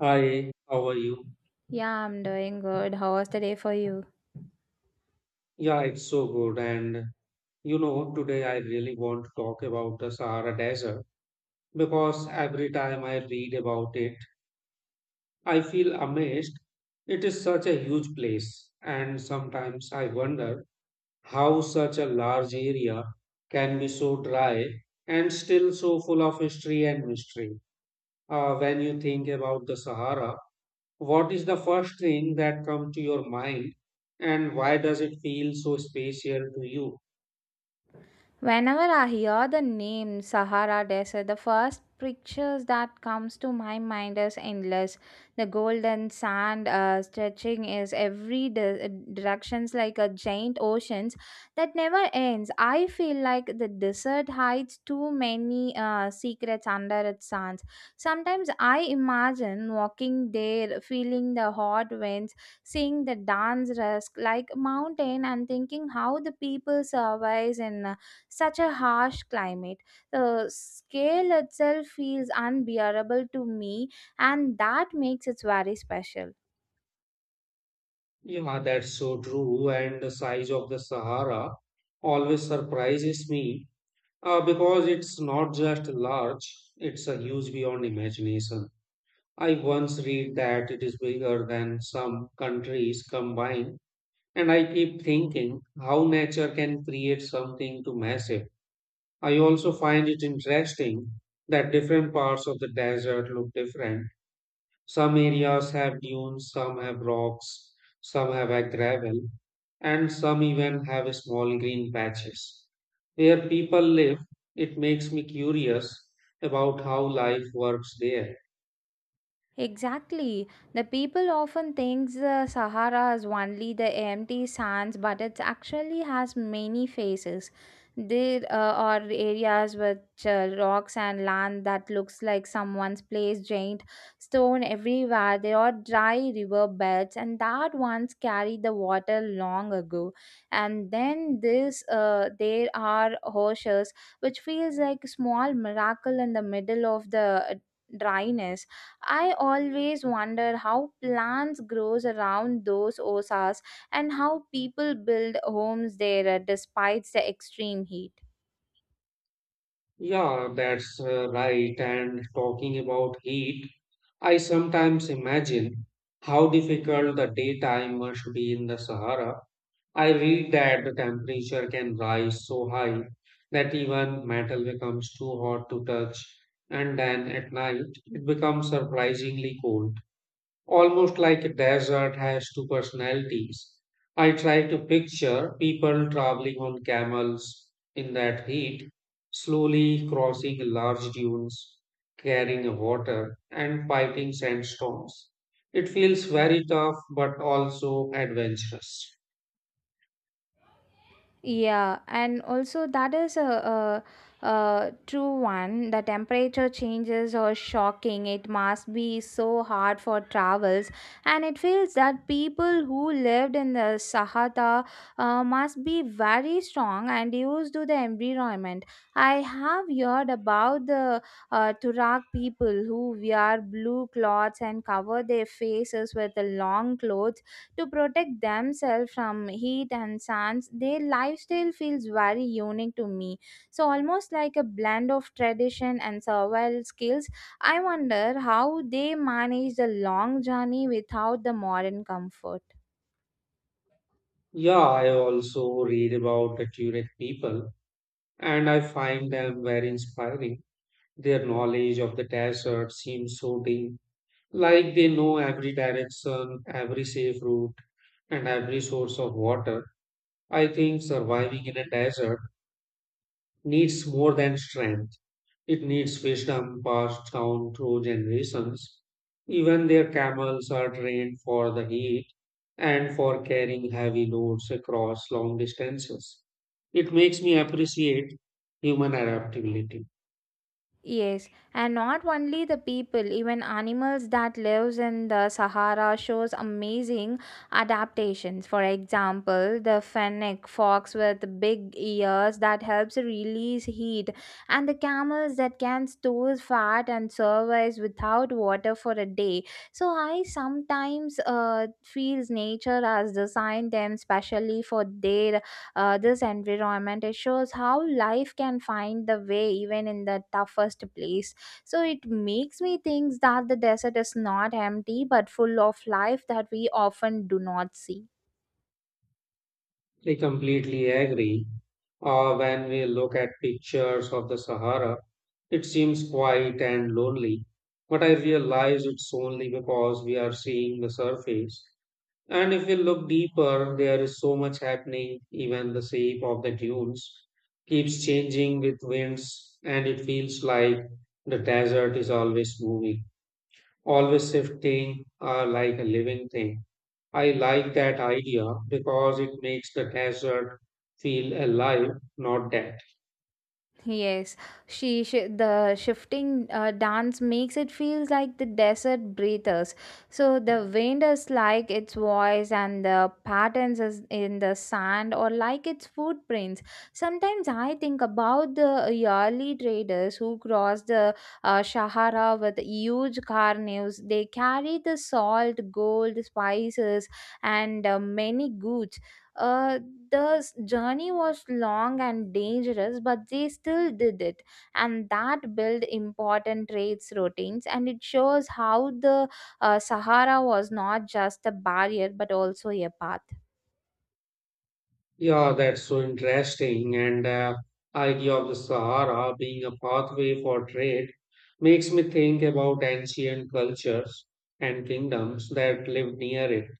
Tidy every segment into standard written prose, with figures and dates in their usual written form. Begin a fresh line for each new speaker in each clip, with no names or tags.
Hi, how are you?
Yeah, I'm doing good. How was the day for you?
Yeah, it's so good. And you know, today I really want to talk about the Sahara Desert because every time I read about it, I feel amazed. It is such a huge place, and sometimes I wonder how such a large area can be so dry and still so full of history and mystery. When you think about the Sahara, what is the first thing that comes to your mind and why does it feel so spatial to you?
Whenever I hear the name Sahara Desert, the first pictures that comes to my mind is endless. The golden sand stretching is every directions like a giant oceans that never ends. I feel like the desert hides too many secrets under its sands. Sometimes I imagine walking there, feeling the hot winds, seeing the dance risk like mountain, and thinking how the people survives in such a harsh climate. The scale itself feels unbearable to me, and that makes it very special.
Yeah, that's so true. And the size of the Sahara always surprises me because it's not just large, it's a huge beyond imagination. I once read that it is bigger than some countries combined, and I keep thinking how nature can create something too massive. I also find it interesting that different parts of the desert look different. Some areas have dunes, some have rocks, some have a gravel, and some even have small green patches. Where people live, it makes me curious about how life works there.
Exactly. The people often think the Sahara is only the empty sands, but it actually has many faces. There are areas with rocks and land that looks like someone's placed giant stone everywhere. There are dry river beds, and that once carried the water long ago. And then this, there are horses, which feels like a small miracle in the middle of the dryness. I always wonder how plants grows around those osas, and how people build homes there despite the extreme heat.
Yeah, that's right. And talking about heat, I sometimes imagine how difficult the daytime must be in the Sahara. I read that the temperature can rise so high that even metal becomes too hot to touch, and then at night it becomes surprisingly cold, almost like a desert has two personalities. I try to picture people traveling on camels in that heat, slowly crossing large dunes, carrying water, and fighting sandstorms. It feels very tough but also adventurous.
Yeah, and also that is a true one. The temperature changes are shocking. It must be so hard for travels, and it feels that people who lived in the Sahara must be very strong and used to the environment. I have heard about the Tuareg people who wear blue cloths and cover their faces with the long clothes to protect themselves from heat and sands. Their lifestyle feels very unique to me. So, almost like a blend of tradition and survival skills, I wonder how they manage the long journey without the modern comfort.
Yeah, I also read about accurate people and I find them very inspiring. Their knowledge of the desert seems so deep, like they know every direction, every safe route, and every source of water. I think surviving in a desert needs more than strength. It needs wisdom passed down through generations. Even their camels are trained for the heat and for carrying heavy loads across long distances. It makes me appreciate human adaptability.
Yes, and not only the people, even animals that lives in the Sahara shows amazing adaptations. For example, the fennec fox with big ears that helps release heat, and the camels that can store fat and survive without water for a day. So I sometimes feels nature has designed them specially for their this environment. It shows how life can find the way even in the toughest place. So it makes me think that the desert is not empty but full of life that we often do not see.
I completely agree. When we look at pictures of the Sahara, it seems quiet and lonely, but I realize it's only because we are seeing the surface. And if we look deeper, there is so much happening. Even the shape of the dunes keeps changing with winds, and it feels like the desert is always moving, always shifting, like a living thing. I like that idea because it makes the desert feel alive, not dead.
Yes, she the shifting dance makes it feels like the desert breathers. So the wind is like its voice, and the patterns is in the sand or like its footprints. Sometimes I think about the yearly traders who cross the Sahara with huge carnivores. They carry the salt, gold, spices, and many goods. Uh, the journey was long and dangerous, but they still did it, and that built important trades routines. And it shows how the Sahara was not just a barrier but also a path.
Yeah, that's so interesting. And idea of the Sahara being a pathway for trade makes me think about ancient cultures and kingdoms that lived near it.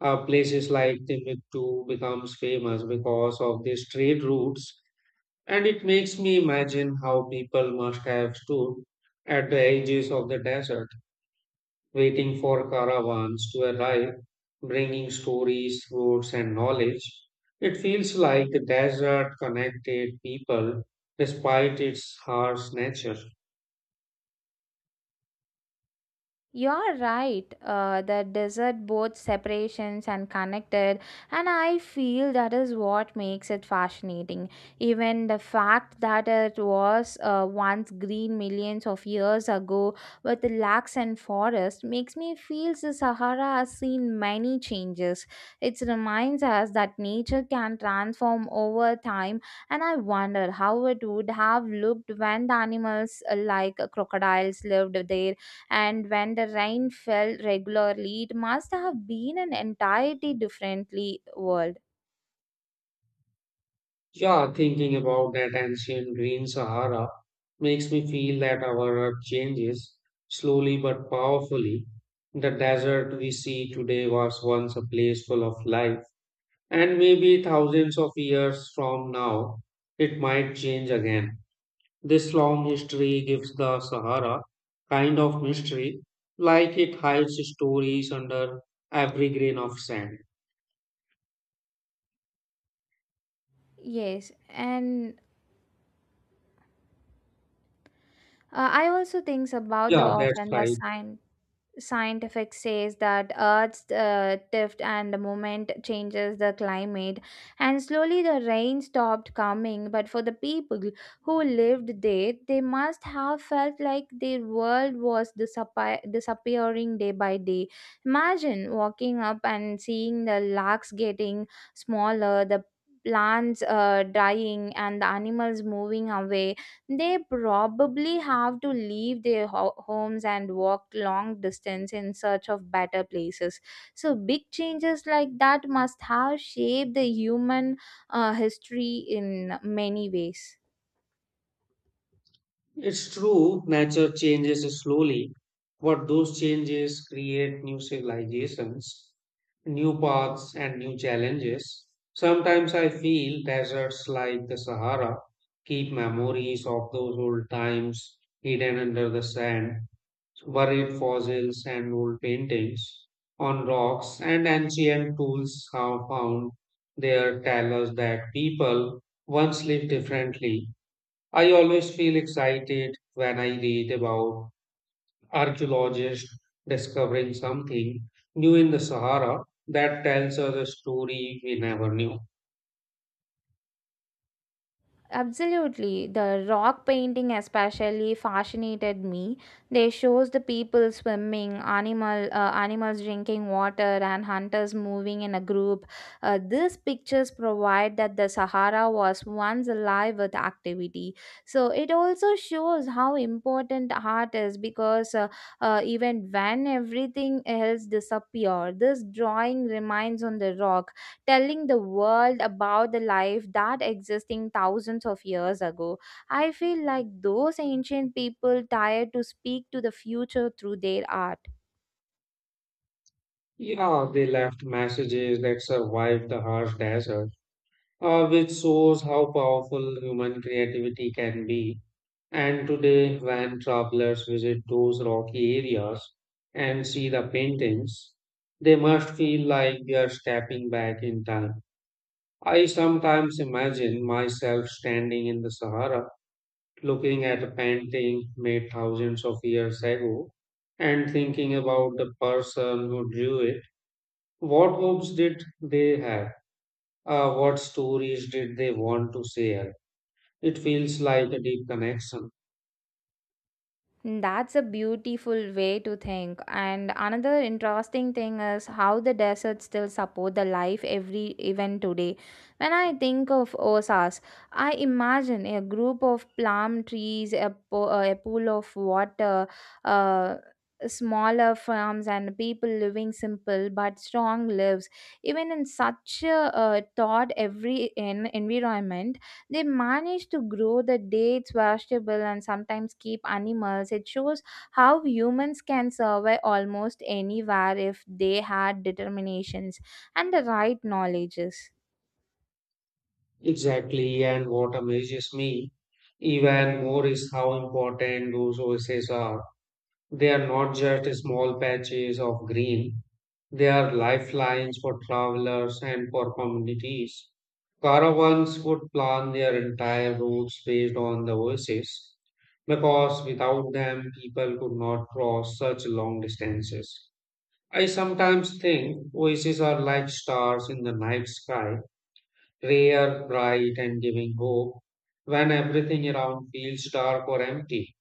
Places like Timbuktu becomes famous because of these trade routes, and it makes me imagine how people must have stood at the edges of the desert waiting for caravans to arrive, bringing stories, roads, and knowledge. It feels like the desert connected people despite its harsh nature.
You're right. The desert both separations and connected, and I feel that is what makes it fascinating. Even the fact that it was once green millions of years ago with lakes and forests makes me feel the Sahara has seen many changes. It reminds us that nature can transform over time, and I wonder how it would have looked when the animals like crocodiles lived there, and when the rain fell regularly it must have been an entirely differently world.
Yeah, thinking about that ancient green Sahara makes me feel that our earth changes slowly but powerfully. The desert we see today was once a place full of life, and maybe thousands of years from now, it might change again. This long history gives the Sahara kind of mystery, like it hides stories under every grain of sand.
Yes, and I also thinks about the
Yeah, that's
often the
right.
sign. Scientific says that earth's tilt and the moment changes the climate, and slowly the rain stopped coming. But for the people who lived there, they must have felt like their world was disappearing day by day. Imagine walking up and seeing the lakes getting smaller, the plants dying, and the animals moving away. They probably have to leave their homes and walk long distance in search of better places. So big changes like that must have shaped the human history in many ways.
It's true, nature changes slowly, but those changes create new civilizations, new paths, and new challenges. Sometimes I feel deserts like the Sahara keep memories of those old times hidden under the sand. Buried fossils and old paintings on rocks and ancient tools have found there tell us that people once lived differently. I always feel excited when I read about archaeologists discovering something new in the Sahara that tells us a story we never knew.
Absolutely. The rock painting especially fascinated me. They shows the people swimming, animals drinking water, and hunters moving in a group. These pictures provide that the Sahara was once alive with activity. So it also shows how important art is, because even when everything else disappears, this drawing remains on the rock, telling the world about the life that existing thousands of years ago. I feel like those ancient people tired to speak to the future through their art.
Yeah, they left messages that survived the harsh desert, which shows how powerful human creativity can be. And today, when travelers visit those rocky areas and see the paintings, they must feel like they are stepping back in time. I sometimes imagine myself standing in the Sahara, looking at a painting made thousands of years ago, and thinking about the person who drew it. What hopes did they have? What stories did they want to share? It feels like a deep connection.
That's a beautiful way to think. And another interesting thing is how the deserts still support the life every even today. When I think of Osas, I imagine a group of plum trees, a pool of water, uh, smaller farms, and people living simple but strong lives. Even in such a thought every in environment, they manage to grow the dates, vegetable, and sometimes keep animals. It shows how humans can survive almost anywhere if they had determinations and the right knowledges.
Exactly, and what amazes me even more is how important those oases are. They are not just small patches of green, they are lifelines for travelers and for communities. Caravans would plan their entire routes based on the oases because without them, people could not cross such long distances. I sometimes think oases are like stars in the night sky, rare, bright, and giving hope when everything around feels dark or empty.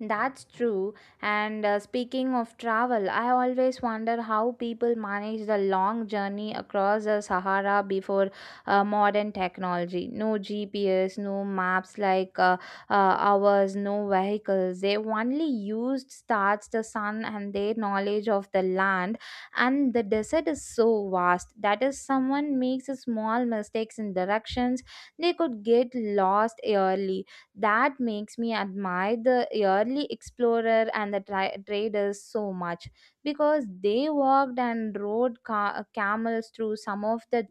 That's true. And speaking of travel, I always wonder how people manage the long journey across the Sahara before modern technology. No GPS, no maps like ours, no vehicles. They only used stars, the sun, and their knowledge of the land. And the desert is so vast that if someone makes a small mistakes in directions, they could get lost early. That makes me admire the early explorer and the traders so much, because they walked and rode camels through some of the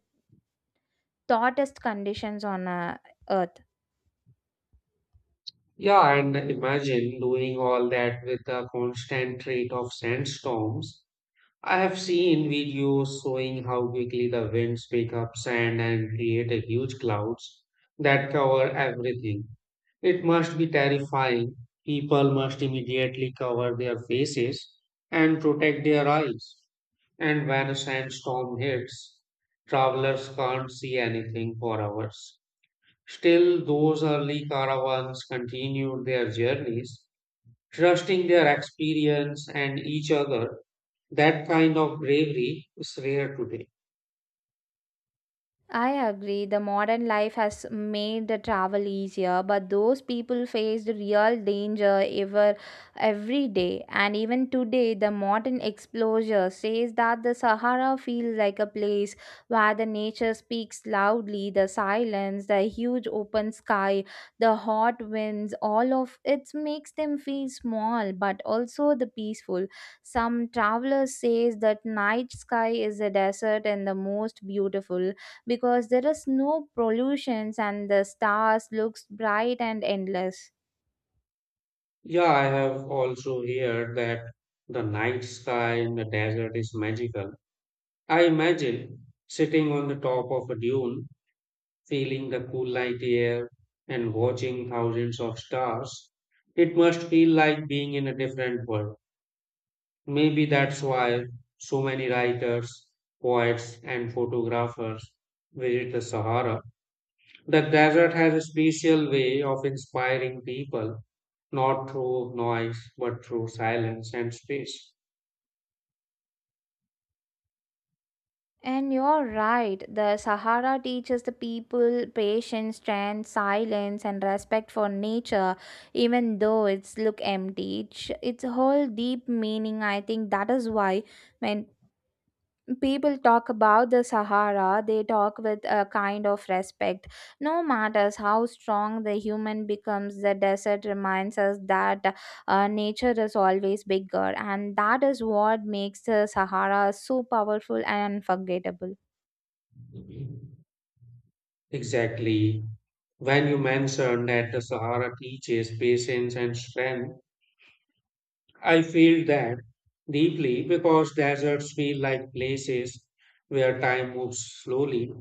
hottest conditions on earth.
Yeah, and imagine doing all that with the constant threat of sandstorms. I have seen videos showing how quickly the winds pick up sand and create a huge clouds that cover everything. It must be terrifying. People must immediately cover their faces and protect their eyes. And when a sandstorm hits, travelers can't see anything for hours. Still, those early caravans continued their journeys, trusting their experience and each other. That kind of bravery is rare today.
I agree. The modern life has made the travel easier, but those people face the real danger every day. And even today, the modern explorer says that the Sahara feels like a place where the nature speaks loudly, the silence, the huge open sky, the hot winds, all of it makes them feel small, but also the peaceful. Some travelers says that night sky is a desert and the most beautiful, because there is no pollutions and the stars looks bright and endless.
Yeah, I have also heard that the night sky in the desert is magical. I imagine sitting on the top of a dune, feeling the cool night air and watching thousands of stars. It must feel like being in a different world. Maybe that's why so many writers, poets, and photographers visit the Sahara. The desert has a special way of inspiring people, not through noise, but through silence and space.
And you're right, the Sahara teaches the people patience, strength, silence, and respect for nature, even though it's look empty. It's a whole deep meaning. I think that is why when people talk about the Sahara, they talk with a kind of respect. No matters how strong the human becomes, the desert reminds us that nature is always bigger, and that is what makes the Sahara so powerful and unforgettable.
Exactly. When you mentioned that the Sahara teaches patience and strength, I feel that deeply because deserts feel like places where time moves slowly.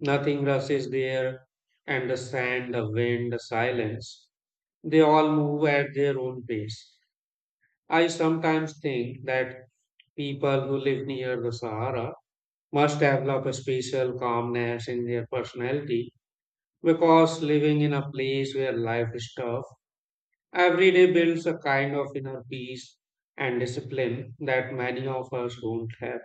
Nothing rushes there, and the sand, the wind, the silence, they all move at their own pace. I sometimes think that people who live near the Sahara must develop a special calmness in their personality because living in a place where life is tough every day builds a kind of inner peace and discipline that many of us don't have.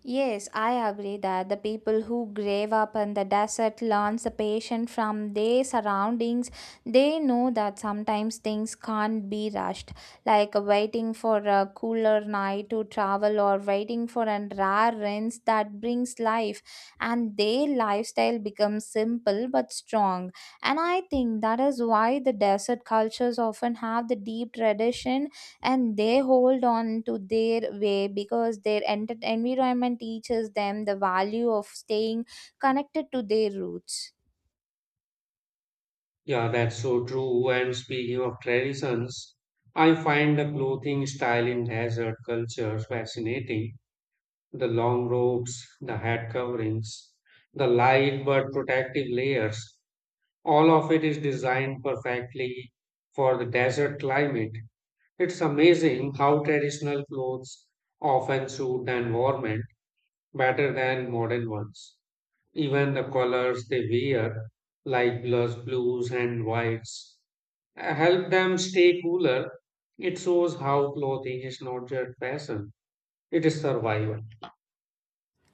Yes, I agree that the people who grave up in the desert learns the patient from their surroundings. They know that sometimes things can't be rushed, like waiting for a cooler night to travel or waiting for a rare rinse that brings life. And their lifestyle becomes simple but strong. And I think that is why the desert cultures often have the deep tradition, and they hold on to their way because their environment teaches them the value of staying connected to their roots.
Yeah, that's so true. And speaking of traditions, I find the clothing style in desert cultures fascinating. The long robes, the head coverings, the light but protective layers, all of it is designed perfectly for the desert climate. It's amazing how traditional clothes often suit the environment better than modern ones. Even the colors they wear, like blues, blues, and whites, help them stay cooler. It shows how clothing is not just fashion, it is survival.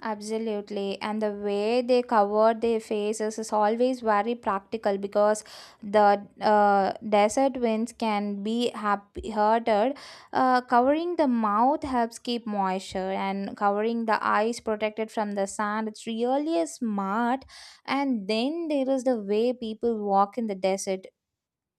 Absolutely, and the way they cover their faces is always very practical, because the desert winds can be happy hurted. Covering the mouth helps keep moisture, and covering the eyes protected from the sun. It's really smart. And then there is the way people walk in the desert,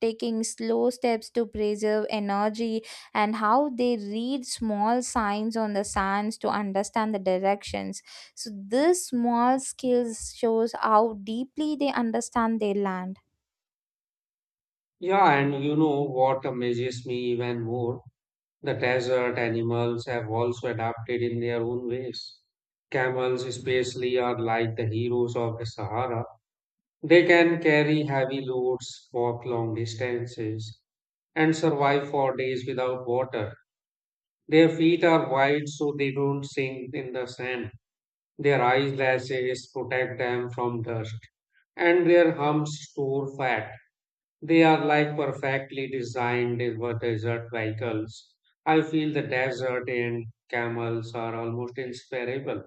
taking slow steps to preserve energy, and how they read small signs on the sands to understand the directions. So this small skills shows how deeply they understand their land.
Yeah, and you know what amazes me even more? The desert animals have also adapted in their own ways. Camels, especially, are like the heroes of the Sahara. They can carry heavy loads, walk long distances, and survive for days without water. Their feet are wide so they don't sink in the sand. Their eyelashes protect them from dust, and their humps store fat. They are like perfectly designed for desert vehicles. I feel the desert and camels are almost inseparable.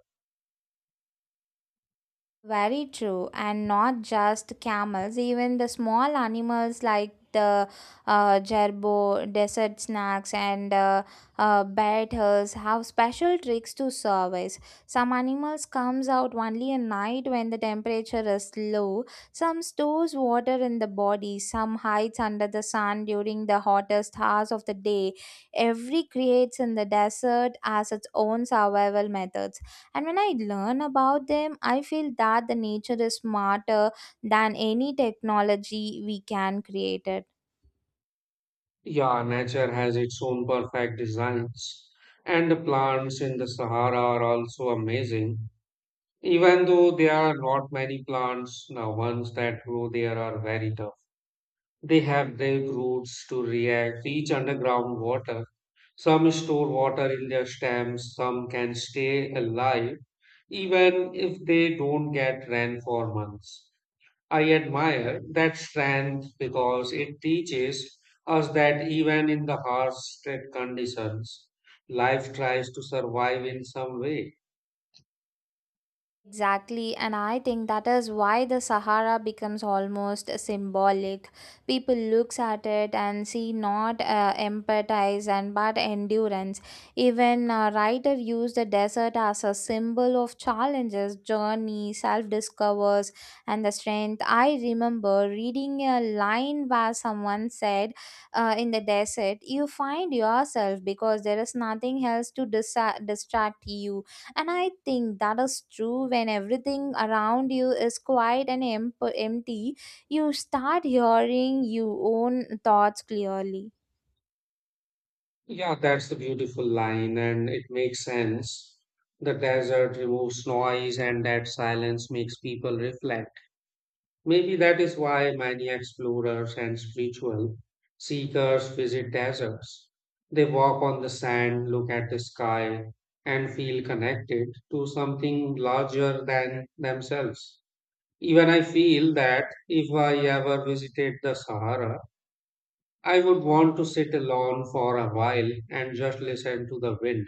Very true, and not just camels, even the small animals like the jerbo, desert snakes, and bears have special tricks to survive. Some animals comes out only at night when the temperature is low. Some stores water in the body. Some hides under the sun during the hottest hours of the day. Every creates in the desert as its own survival methods. And when I learn about them, I feel that the nature is smarter than any technology we can create it.
Yeah, nature has its own perfect designs. And the plants in the Sahara are also amazing. Even though there are not many plants, the ones that grow there are very tough. They have deep roots to reach underground water. Some store water in their stems, some can stay alive even if they don't get rain for months. I admire that strength because it teaches us that even in the harshest conditions, life tries to survive in some way.
Exactly, and I think that is why the Sahara becomes almost symbolic. People looks at it and see not empathize and but endurance. Even writer used the desert as a symbol of challenges, journey, self-discovers, and the strength. I remember reading a line where someone said, "In the desert, you find yourself because there is nothing else to distract you." And I think that is true. When everything around you is quiet and empty, you start hearing your own thoughts clearly.
Yeah, that's the beautiful line, and it makes sense. The desert removes noise, and that silence makes people reflect. Maybe that is why many explorers and spiritual seekers visit deserts. They walk on the sand, look at the sky, and feel connected to something larger than themselves. Even I feel that if I ever visited the Sahara, I would want to sit alone for a while and just listen to the wind.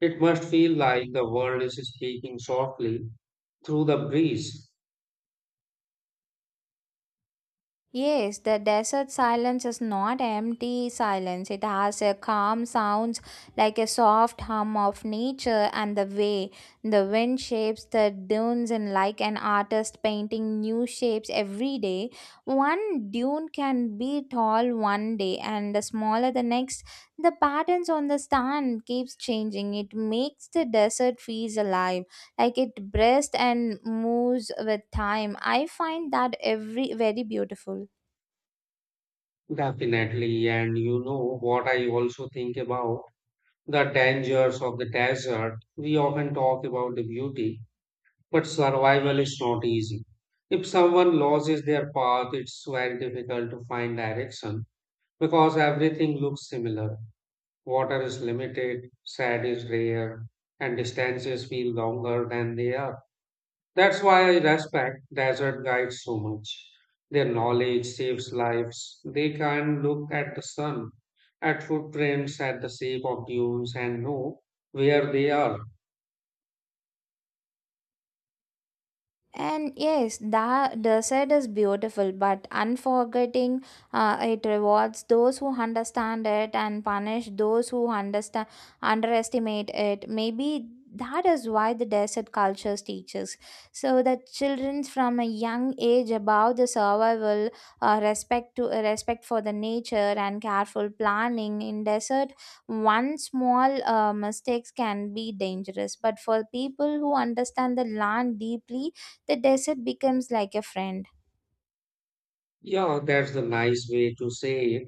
It must feel like the world is speaking softly through the breeze.
Yes, the desert silence is not empty silence. It has a calm sounds like a soft hum of nature, and the way the wind shapes the dunes and like an artist painting new shapes every day. One dune can be tall one day and smaller the next. The patterns on the sand keeps changing. It makes the desert feels alive, like it breathes and moves with time. I find that every very beautiful.
Definitely. And you know what, I also think about the dangers of the desert. We often talk about the beauty, but survival is not easy. If someone loses their path, it's very difficult to find direction because everything looks similar. Water is limited, sand is rare, and distances feel longer than they are. That's why I respect desert guides so much. Their knowledge saves lives. They can look at the sun, at footprints, at the shape of dunes, and know where they are.
And yes, the desert is beautiful but unforgetting. It rewards those who understand it and punish those who understand underestimate it. Maybe that is why the desert cultures teaches. So that children from a young age about the survival, respect for the nature and careful planning in desert. One small mistakes can be dangerous, but for people who understand the land deeply, the desert becomes like a friend.
Yeah, that's the nice way to say it.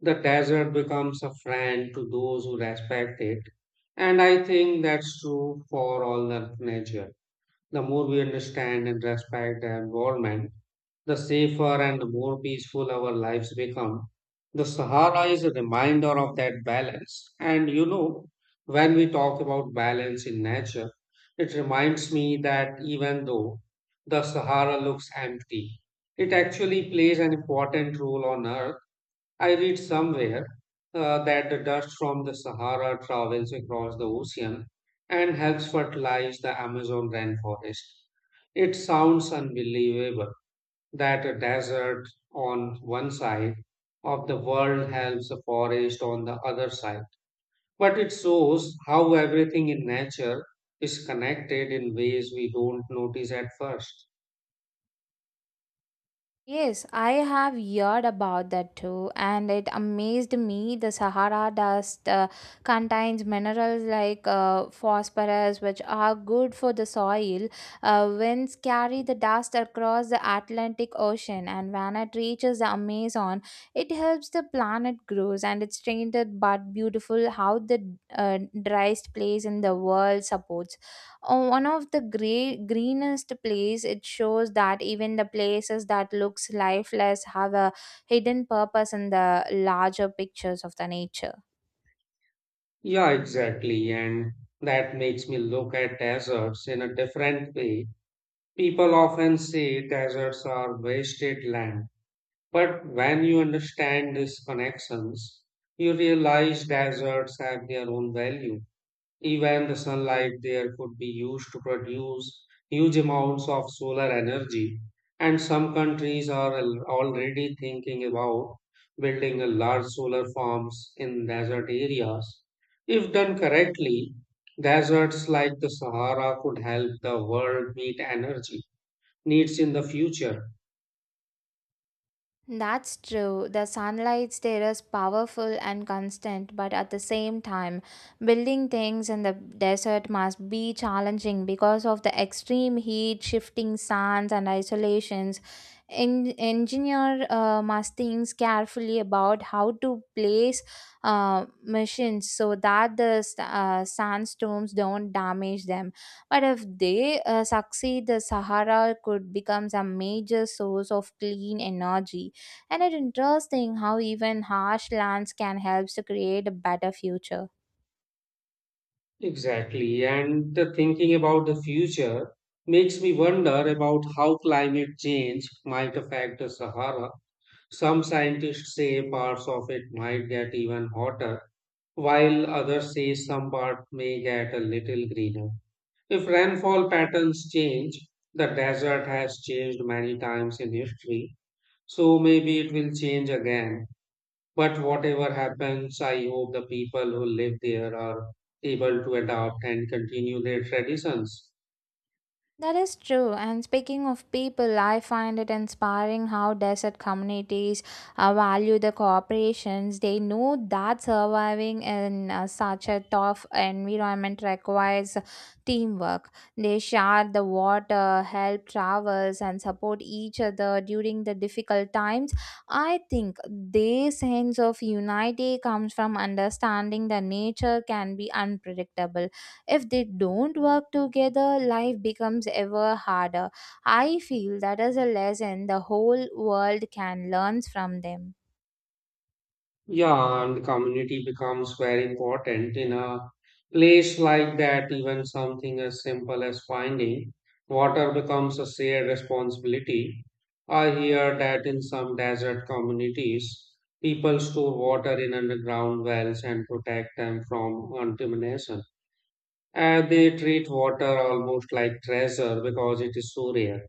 The desert becomes a friend to those who respect it. And I think that's true for all of nature. The more we understand and respect the environment, the safer and more peaceful our lives become. The Sahara is a reminder of that balance. And you know, when we talk about balance in nature, it reminds me that even though the Sahara looks empty, it actually plays an important role on Earth. I read somewhere that the dust from the Sahara travels across the ocean and helps fertilize the Amazon rainforest. It sounds unbelievable that a desert on one side of the world helps a forest on the other side. But it shows how everything in nature is connected in ways we don't notice at first.
Yes, I have heard about that too, and it amazed me. The Sahara dust contains minerals like phosphorus, which are good for the soil. Winds carry the dust across the Atlantic Ocean, and when it reaches the Amazon, it helps the planet grows. And it's strange but beautiful how the driest place in the world supports one of the greenest place. It shows that even the places that looks lifeless have a hidden purpose in the larger pictures of the nature.
Yeah, exactly. And that makes me look at deserts in a different way. People often say deserts are wasted land. But when you understand these connections, you realize deserts have their own value. Even the sunlight there could be used to produce huge amounts of solar energy, and some countries are already thinking about building a large solar farms in desert areas. If done correctly, deserts like the Sahara could help the world meet energy needs in the future.
That's true. The sunlight there is powerful and constant, but at the same time, building things in the desert must be challenging because of the extreme heat, shifting sands, and isolations. Engineer must think carefully about how to place machines so that the sandstorms don't damage them. But if they succeed, the Sahara could become a major source of clean energy. And it's interesting how even harsh lands can help to create a better future.
Exactly, and the thinking about the future makes me wonder about how climate change might affect the Sahara. Some scientists say parts of it might get even hotter, while others say some part may get a little greener. If rainfall patterns change, the desert has changed many times in history, so maybe it will change again. But whatever happens, I hope the people who live there are able to adapt and continue their traditions.
That is true. And speaking of people, I find it inspiring how desert communities value the cooperations. They know that surviving in such a tough environment requires teamwork. They share the water, help travels, and support each other during the difficult times. I think their sense of unity comes from understanding that nature can be unpredictable. If they don't work together, life becomes ever harder. I feel that is a lesson the whole world can learn from them.
Yeah, and community becomes very important in a place like that. Even something as simple as finding water becomes a shared responsibility. I hear that in some desert communities, people store water in underground wells and protect them from contamination. And they treat water almost like treasure because it is so rare.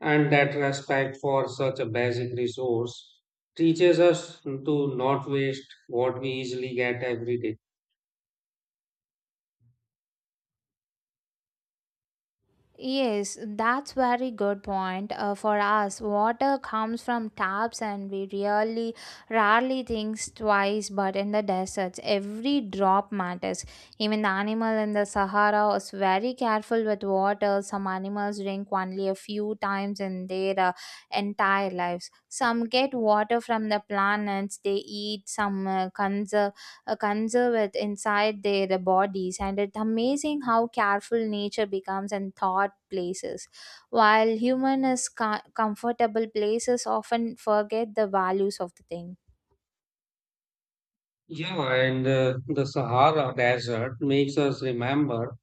And that respect for such a basic resource teaches us to not waste what we easily get every day.
Yes, that's very good point. For us, water comes from taps, and we really rarely think twice. But in the deserts, every drop matters. Even the animal in the Sahara is very careful with water. Some animals drink only a few times in their entire lives. Some get water from the planets they eat. Some conserve it inside their bodies. And it's amazing how careful nature becomes and thought places, while human is comfortable places often forget the values of the thing.
Yeah, and the Sahara Desert makes us remember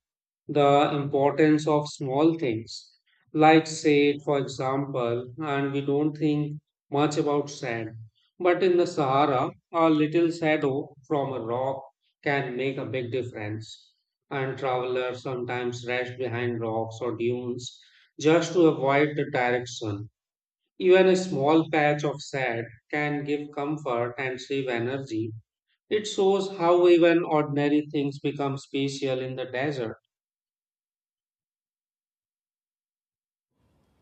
the importance of small things like sand, for example, and we don't think much about sand, but in the Sahara a little shadow from a rock can make a big difference, and travelers sometimes rest behind rocks or dunes just to avoid the direction. Even a small patch of sand can give comfort and save energy. It shows how even ordinary things become special in the desert.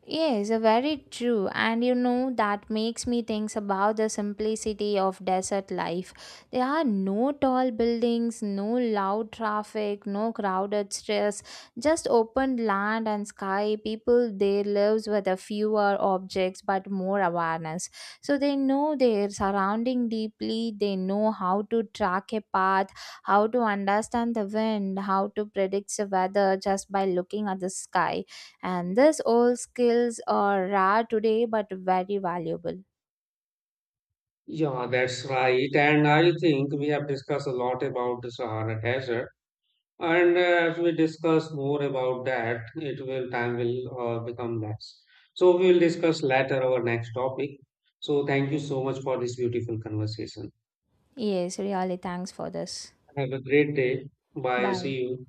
Yes, very true. And you know, that makes me think about the simplicity of desert life. There are no tall buildings, no loud traffic, no crowded stress, just open land and sky. People there lives with a fewer objects but more awareness. So they know their surrounding deeply, they know how to track a path, how to understand the wind, how to predict the weather just by looking at the sky. And these old skills are rare today but very valuable.
Yeah, that's right. And I think we have discussed a lot about the Sahara Desert. And as we discuss more about that, it will time will become less. So we will discuss later our next topic. So thank you so much for this beautiful conversation.
Yes, really, thanks for this.
Have a great day. Bye.
Bye.
See you.